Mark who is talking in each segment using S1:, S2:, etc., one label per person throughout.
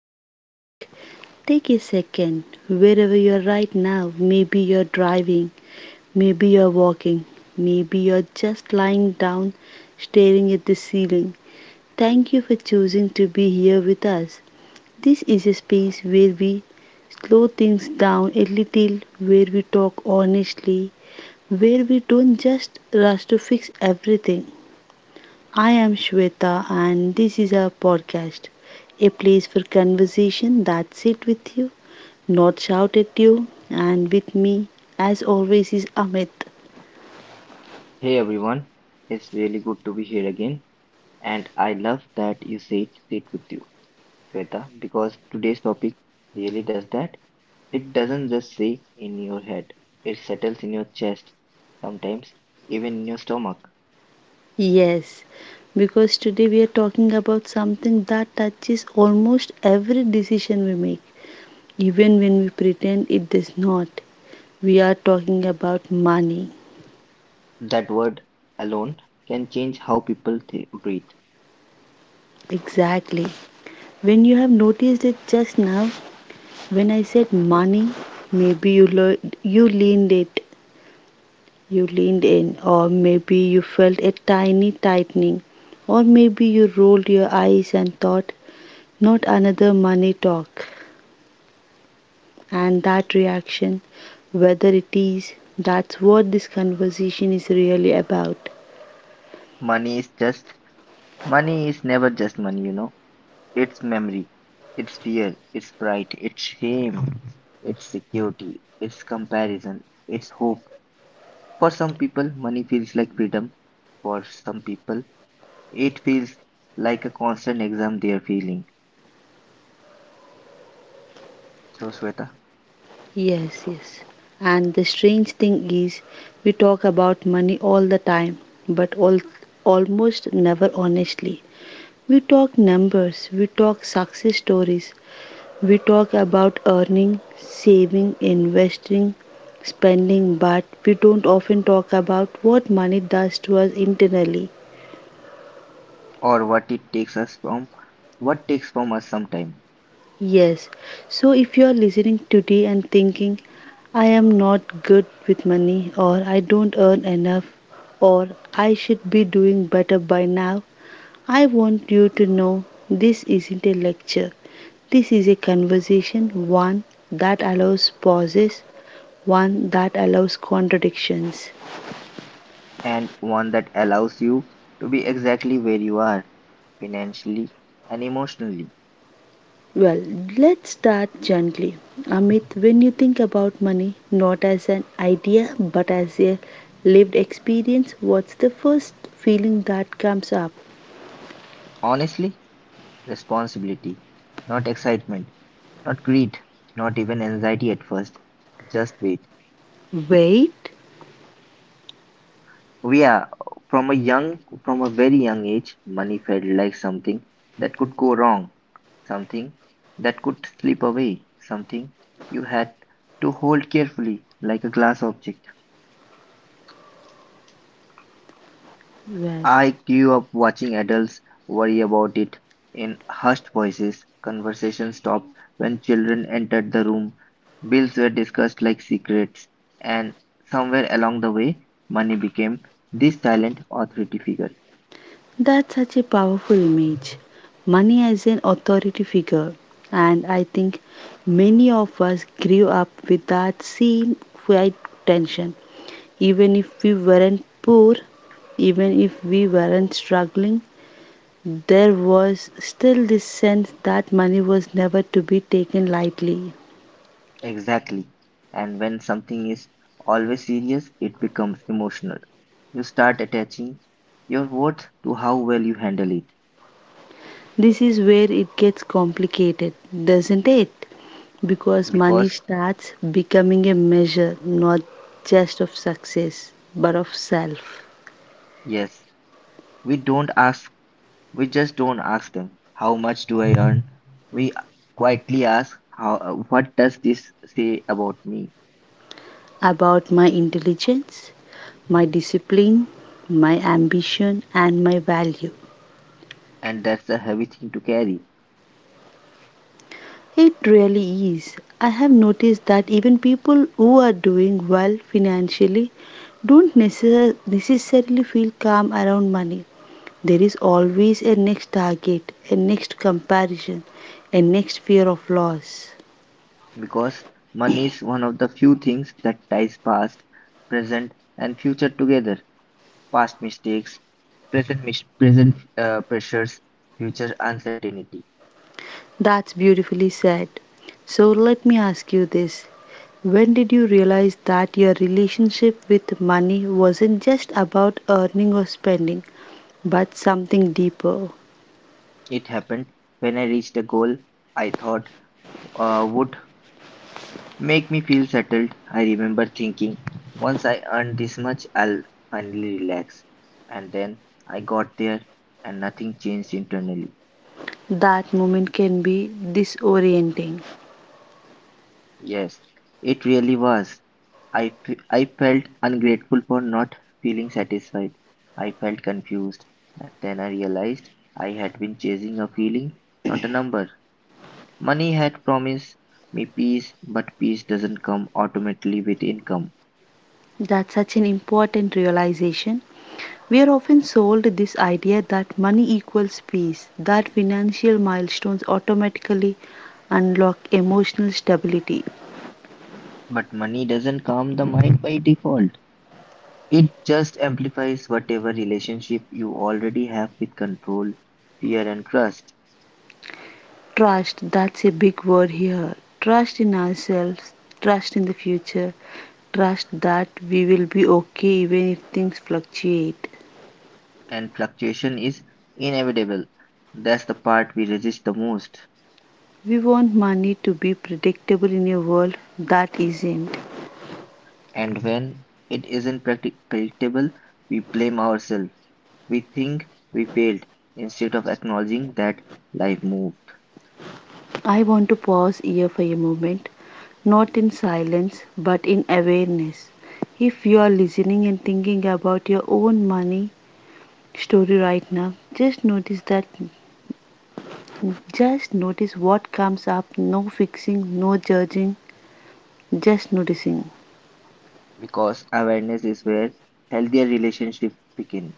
S1: welcome back. Take a second, wherever you're right now. Maybe you're driving, maybe you're walking, maybe you're just lying down staring at the ceiling. Thank you for choosing to be here with us. This is a space where we slow things down a little, where we talk honestly, where we don't just rush to fix everything. I am Shweta and this is our podcast, a place for conversation that sit with you, not shout at you, and with me as always is Amit.
S2: Hey everyone, it's really good to be here again, and I love that you said sit with you, Shweta, because today's topic really does that. It doesn't just stay in your head, it settles in your chest, sometimes even in your stomach.
S1: Yes, because today we are talking about something that touches almost every decision we make, even when we pretend it does not. We are talking about money.
S2: That word alone can change how people breathe.
S1: Exactly. When you have noticed it just now, when I said money, maybe you, lo- you leaned it You leaned in, or maybe you felt a tiny tightening, or maybe you rolled your eyes and thought, not another money talk. And that reaction, whether it is, that's what this conversation is really about.
S2: Money is just Money is never just money, you know. It's memory, it's fear, it's pride, it's shame, it's security, it's comparison, it's hope. For some people, money feels like freedom. For some people, it feels like a constant exam they are feeling. So, Sweta,
S1: Yes, yes. And the strange thing is, we talk about money all the time, but almost never honestly. We talk numbers, we talk success stories, we talk about earning, saving, investing, spending, but we don't often talk about what money does to us internally.
S2: or what it takes us from, what takes from us some time,
S1: Yes, so if you are listening today and thinking, I am not good with money, or I don't earn enough, or I should be doing better by now, I want you to know this isn't a lecture. This is a conversation, one that allows pauses, one that allows contradictions.
S2: and one that allows you to be exactly where you are financially and emotionally.
S1: Well, let's start gently. Amit, when you think about money, not as an idea but as a lived experience, what's the first feeling that comes up?
S2: Honestly, responsibility, not excitement, not greed, not even anxiety at first. Just wait.
S1: Wait?
S2: Yeah, from a very young age, money felt like something that could go wrong, something that could slip away, something you had to hold carefully like a glass object.
S1: Well,
S2: I grew up watching adults worry about it in hushed voices. Conversation stopped when children entered the room. Bills were discussed like secrets, and somewhere along the way, money became this silent authority figure.
S1: that's such a powerful image. Money as an authority figure. And I think many of us grew up with that same quiet tension, even if we weren't poor, even if we weren't struggling. There was still this sense that money was never to be taken lightly.
S2: Exactly. And when something is always serious, it becomes emotional. You start attaching your worth to how well you handle it.
S1: This is where it gets complicated, doesn't it, because money
S2: Because,
S1: starts becoming a measure not just of success but of self,
S2: yes, we don't ask, we just don't ask them, how much do I earn? We quietly ask, how, what does this say about me?
S1: about my intelligence, my discipline, my ambition and my value.
S2: And that's a heavy thing to carry.
S1: It really is. I have noticed that even people who are doing well financially don't necessarily feel calm around money. There is always a next target, a next comparison, a next fear of loss.
S2: Because money is one of the few things that ties past, present, and future together. Past mistakes, present mis- present pressures, future uncertainty.
S1: That's beautifully said. So let me ask you this. When did you realize that your relationship with money wasn't just about earning or spending, but something deeper?
S2: It happened when I reached a goal I thought would make me feel settled. I remember thinking, once I earn this much, I'll finally relax. And then I got there, and nothing changed internally.
S1: That moment can be disorienting.
S2: Yes, it really was. I felt ungrateful for not feeling satisfied. I felt confused. And then I realized I had been chasing a feeling, not a number. Money had promised me peace, but peace doesn't come automatically with income.
S1: That's such an important realization. We are often sold this idea that money equals peace, that financial milestones automatically unlock emotional stability.
S2: But money doesn't calm the mind by default. It just amplifies whatever relationship you already have with control, fear, and trust.
S1: Trust, that's a big word here. Trust in ourselves, trust in the future, trust that we will be okay even if things fluctuate.
S2: And fluctuation is inevitable. That's the part we resist the most.
S1: We want money to be predictable in a world that isn't.
S2: And when it isn't practi- predictable, we blame ourselves. We think we failed instead of acknowledging that life moved.
S1: I want to pause here for a moment, not in silence, but in awareness. If you are listening and thinking about your own money story right now, just notice that, just notice what comes up. No fixing, no judging, just noticing.
S2: Because awareness is where healthier relationships begin.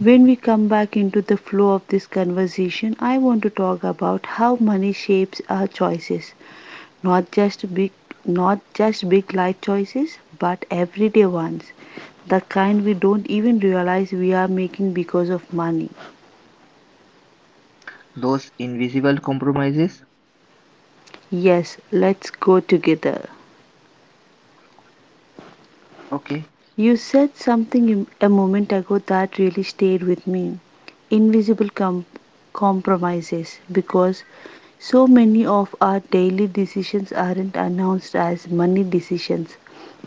S1: When we come back into the flow of this conversation, I want to talk about how money shapes our choices, not just big not just big life choices but everyday ones, the kind we don't even realize we are making because of money.
S2: Those invisible compromises,
S1: Yes, let's go together.
S2: okay,
S1: You said something a moment ago that really stayed with me, invisible compromises, because so many of our daily decisions aren't announced as money decisions,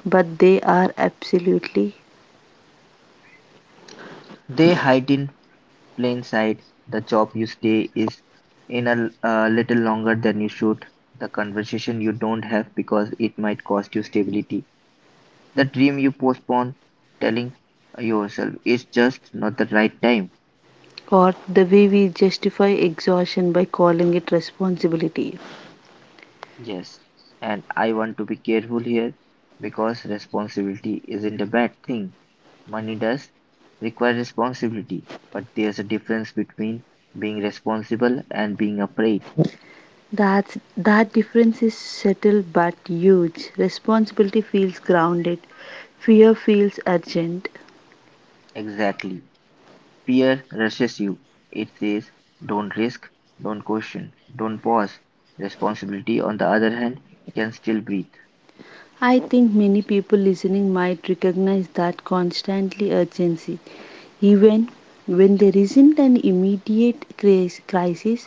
S1: but they are absolutely.
S2: they hide in plain sight. The job you stay is in a little longer than you should. The conversation you don't have because it might cost you stability. The dream you postpone, telling yourself it's just not the right time.
S1: Or the way we justify exhaustion by calling it responsibility.
S2: Yes, and I want to be careful here because responsibility isn't a bad thing. Money does require responsibility, but there's a difference between being responsible and being afraid.
S1: That's, that difference is subtle but huge. Responsibility feels grounded, fear feels urgent.
S2: Exactly. Fear rushes you. It says, don't risk, don't question, don't pause. Responsibility, on the other hand, can still breathe.
S1: I think many people listening might recognize that constantly urgency. Even when there isn't an immediate crisis,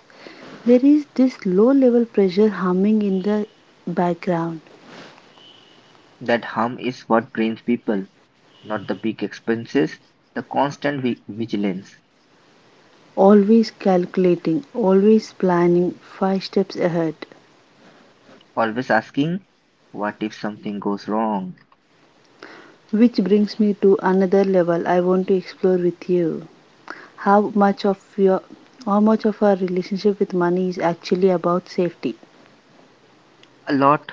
S1: there is this low level pressure humming in the background.
S2: That hum is what drains people. Not the big expenses, the constant vigilance,
S1: Always calculating, always planning five steps ahead.
S2: always asking, what if something goes wrong?
S1: Which brings me to another level I want to explore with you. How much of your how much of our relationship with money is actually about safety?
S2: A lot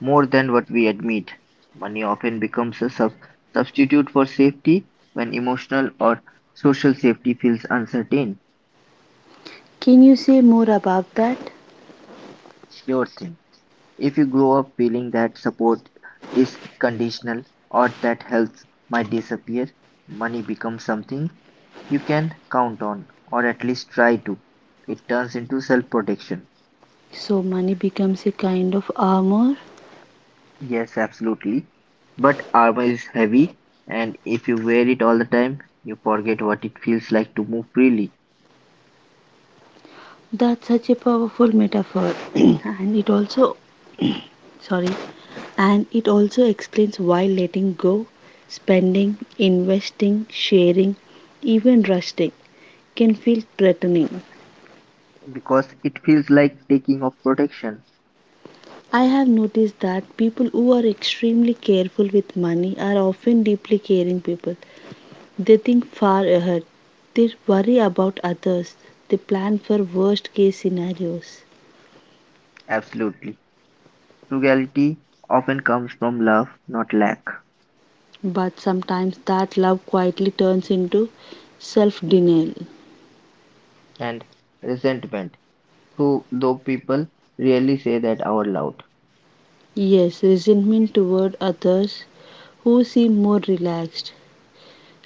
S2: more than what we admit. Money often becomes a substitute for safety when emotional or social safety feels uncertain.
S1: Can you say more about that?
S2: Sure thing. If you grow up feeling that support is conditional or that health might disappear, money becomes something you can count on, or at least try to. It turns into self protection.
S1: So money becomes a kind of armor.
S2: Yes, absolutely. But armor is heavy, and if you wear it all the time, you forget what it feels like to move freely,
S1: That's such a powerful metaphor and it also sorry and it also explains why letting go, spending, investing, sharing, even resting can feel threatening.
S2: because it feels like taking off protection.
S1: I have noticed that people who are extremely careful with money are often deeply caring people. They think far ahead. They worry about others. They plan for worst case scenarios.
S2: Absolutely. Frugality often comes from love, not lack,
S1: But sometimes that love quietly turns into self denial.
S2: and resentment, though people rarely say that out loud.
S1: Yes, resentment toward others who seem more relaxed.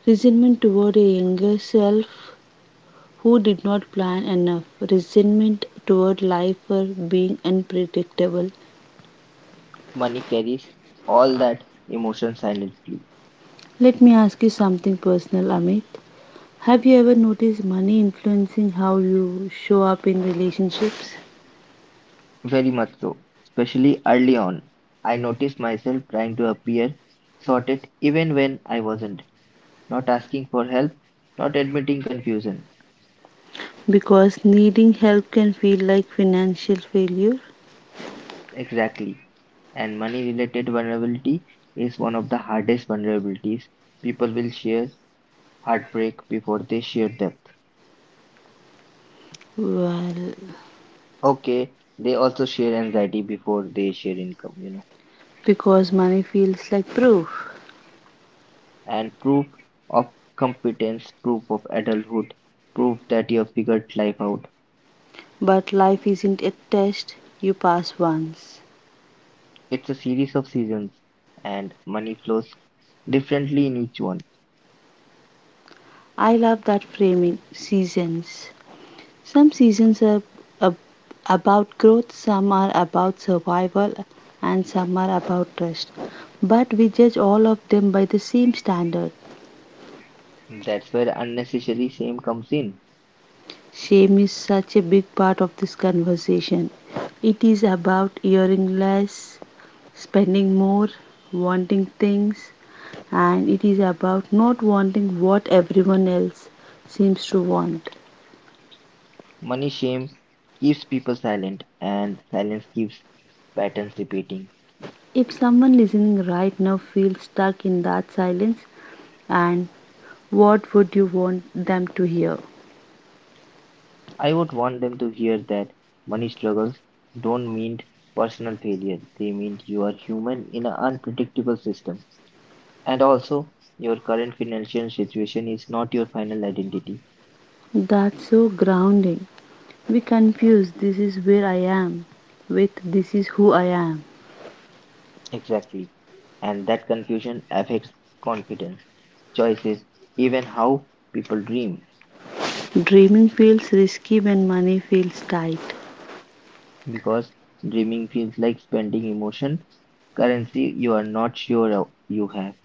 S1: Resentment toward a younger self who did not plan enough, resentment toward life for being unpredictable.
S2: Money carries all that emotion silently.
S1: Let me ask you something personal, Amit. Have you ever noticed money influencing how you show up in relationships?
S2: Very much so. Especially early on, I noticed myself trying to appear sorted even when I wasn't, not asking for help, not admitting confusion.
S1: Because needing help can feel like financial failure.
S2: Exactly. And money related vulnerability is one of the hardest vulnerabilities. People will share heartbreak before they share depth.
S1: Well,
S2: Okay, they also share anxiety before they share income.
S1: because money feels like proof.
S2: And proof of competence, proof of adulthood, proof that you have figured life out.
S1: But life isn't a test you pass once.
S2: It's a series of seasons, and money flows differently in each one.
S1: I love that framing, seasons. Some seasons are ab- about growth, some are about survival, and some are about trust. But we judge all of them by the same standard.
S2: That's where unnecessary shame comes in.
S1: Shame is such a big part of this conversation. It is about hearing less, spending more, wanting things, and it is about not wanting what everyone else seems to want.
S2: Money shame keeps people silent, and silence keeps patterns repeating.
S1: If someone listening right now feels stuck in that silence and what would you want them to hear?
S2: I would want them to hear that money struggles don't mean personal failure, they mean you are human in an unpredictable system. And also, your current financial situation is not your final identity.
S1: That's so grounding. We confuse this is where I am with this is who I am.
S2: Exactly. And that confusion affects confidence, choices, even how people dream.
S1: Dreaming feels risky when money feels tight.
S2: Because dreaming feels like spending emotion, currency you are not you have,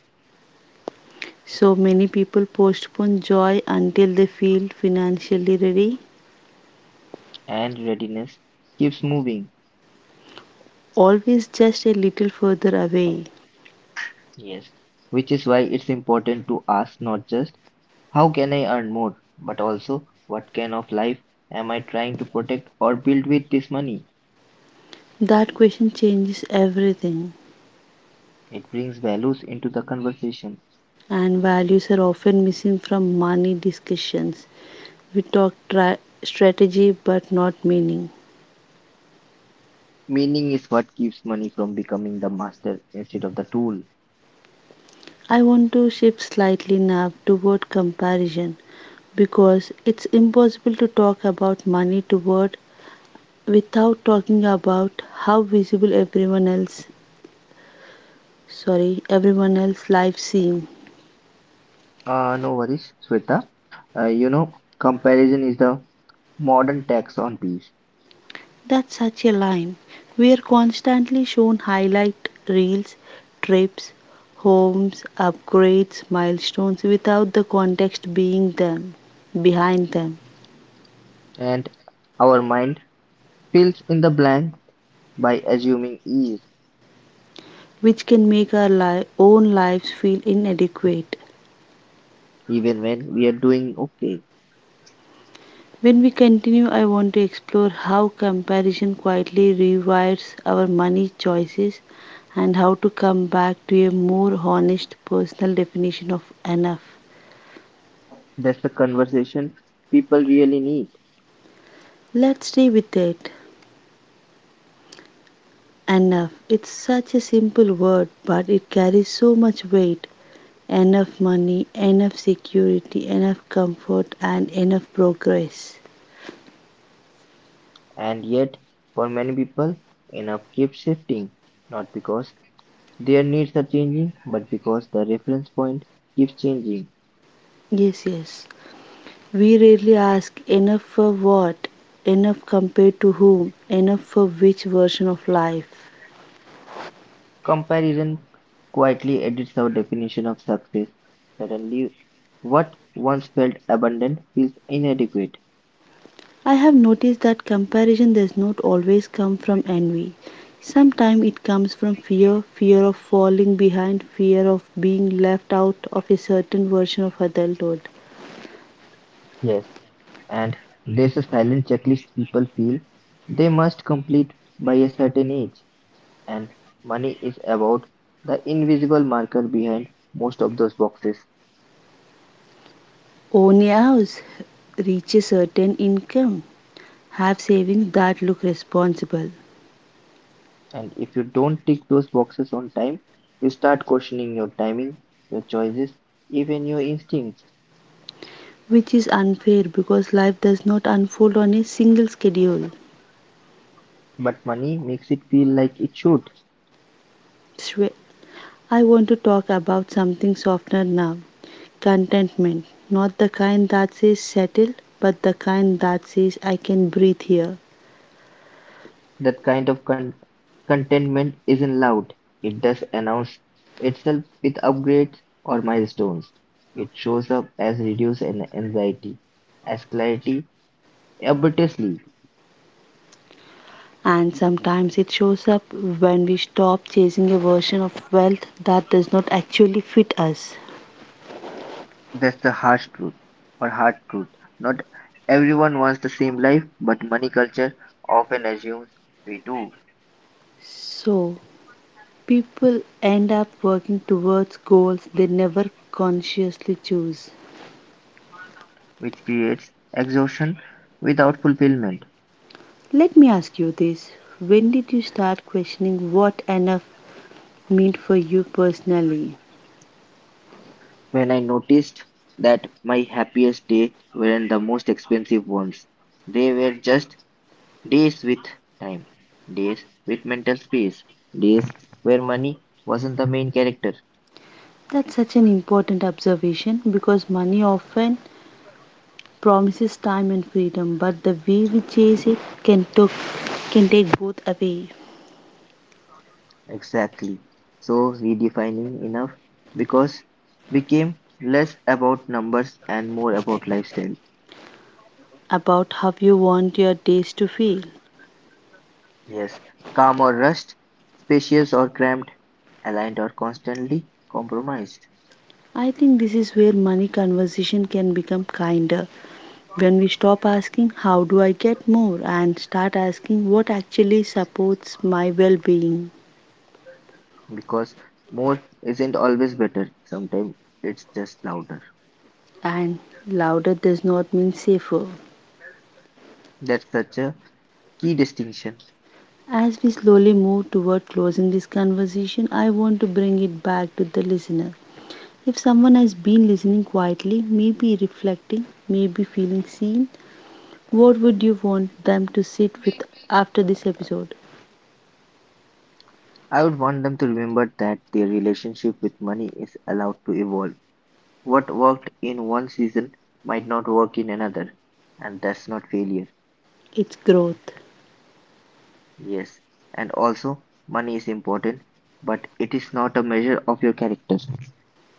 S1: So many people postpone joy until they feel financially ready,
S2: and readiness keeps moving.
S1: always just a little further away.
S2: Yes. Which is why it's important to ask not just how can I earn more, but also what kind of life am I trying to protect or build with this money?
S1: That question changes everything,
S2: It brings values into the conversation.
S1: and values are often missing from money discussions. We talk strategy but not meaning.
S2: Meaning is what keeps money from becoming the master instead of the tool.
S1: I want to shift slightly now toward comparison because it's impossible to talk about money toward without talking about how visible everyone else lives seem.
S2: No worries, Sweta. Comparison is the modern tax on peace,
S1: That's such a line. We are constantly shown highlight reels, trips, homes, upgrades, milestones without the context being them behind them,
S2: and our mind fills in the blanks by assuming ease,
S1: which can make our own lives feel inadequate.
S2: even when we are doing okay.
S1: When we continue, I want to explore how comparison quietly rewires our money choices and how to come back to a more honest personal definition of enough.
S2: That's the conversation people really need,
S1: Let's stay with it. Enough. It's such a simple word, but it carries so much weight. Enough money, enough security, enough comfort, and enough progress.
S2: and yet, for many people, enough keeps shifting, not because their needs are changing, but because the reference point keeps changing.
S1: Yes, yes. We rarely ask, enough for what? Enough compared to whom? Enough for which version of life?
S2: Comparison quietly edits our definition of success; suddenly what once felt abundant feels inadequate.
S1: I have noticed that comparison does not always come from envy. Sometimes it comes from fear, fear of falling behind, fear of being left out of a certain version of adulthood.
S2: Yes, and there's a silent checklist people feel they must complete by a certain age, and money is about the invisible marker behind most of those boxes.
S1: Own a house, reach a certain income, have savings that look responsible,
S2: And if you don't tick those boxes on time, you start questioning your timing, your choices, even your instincts.
S1: which is unfair because life does not unfold on a single schedule.
S2: But money makes it feel like it should.
S1: I want to talk about something softer now, contentment. Not the kind that says settle, but the kind that says I can breathe here.
S2: That kind of contentment isn't loud. It does announce itself with upgrades or milestones. It shows up as reduced anxiety, as clarity, a better sleep.
S1: And sometimes it shows up when we stop chasing a version of wealth that does not actually fit us.
S2: That's the harsh truth, or hard truth. Not everyone wants the same life, but money culture often assumes we do,
S1: So, people end up working towards goals they never consciously choose.
S2: which creates exhaustion without fulfillment.
S1: Let me ask you this, when did you start questioning what enough meant for you personally?
S2: When I noticed that my happiest days weren't the most expensive ones, they were just days with time. Days with mental space. Days where money wasn't the main character.
S1: That's such an important observation because money often promises time and freedom, but the way we chase it can, took, can take both away.
S2: Exactly. So redefining enough because became less about numbers and more about lifestyle.
S1: About how you want your days to feel.
S2: Yes. Calm or rushed, spacious or cramped, aligned or constantly compromised.
S1: I think this is where money conversation can become kinder. When we stop asking, how do I get more? And start asking, what actually supports my well being?
S2: Because more isn't always better. Sometimes it's just louder.
S1: And louder does not mean safer.
S2: That's such a key distinction.
S1: As we slowly move toward closing this conversation, I want to bring it back to the listener. If someone has been listening quietly, maybe reflecting, maybe feeling seen, what would you want them to sit with after this episode?
S2: I would want them to remember that their relationship with money is allowed to evolve. What worked in one season might not work in another, and that's not failure.
S1: It's growth.
S2: Yes. And also, money is important, but it is not a measure of your character.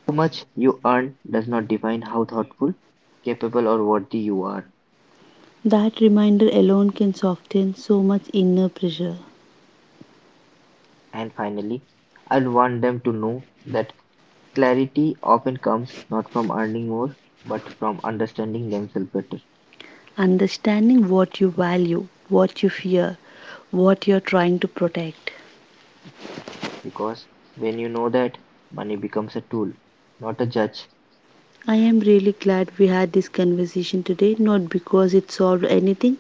S2: How much you earn does not define how thoughtful, capable, or worthy you are.
S1: That reminder alone can soften so much inner pressure.
S2: And finally, I'd want them to know that clarity often comes not from earning more, but from understanding themselves better.
S1: Understanding what you value, what you fear, what you're trying to protect.
S2: Because when you know that, money becomes a tool, not a judge.
S1: I am really glad we had this conversation today, not because it solved anything,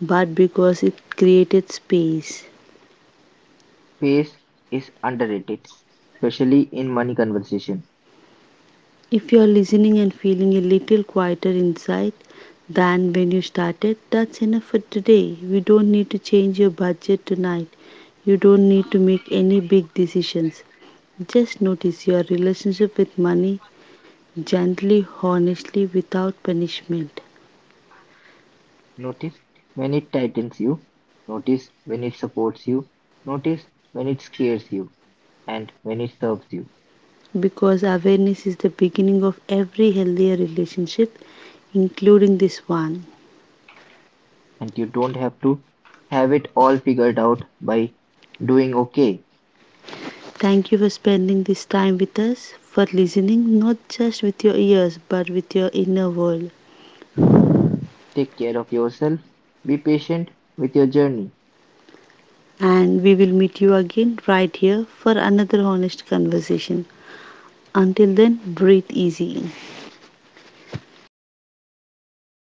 S1: but because it created space.
S2: Space is underrated, especially in money conversation.
S1: If you are listening and feeling a little quieter inside than when you started, that's enough for today. You don't need to change your budget tonight. You don't need to make any big decisions. Just notice your relationship with money, gently, honestly, without punishment.
S2: Notice when it tightens you, notice when it supports you, notice when it scares you, and when it serves you.
S1: Because awareness is the beginning of every healthier relationship, including this one.
S2: And you don't have to have it all figured out by doing okay.
S1: Thank you for spending this time with us, for listening not just with your ears but with your inner world.
S2: Take care of yourself, be patient with your journey.
S1: And we will meet you again right here for another honest conversation. Until then, breathe easy. Thank you.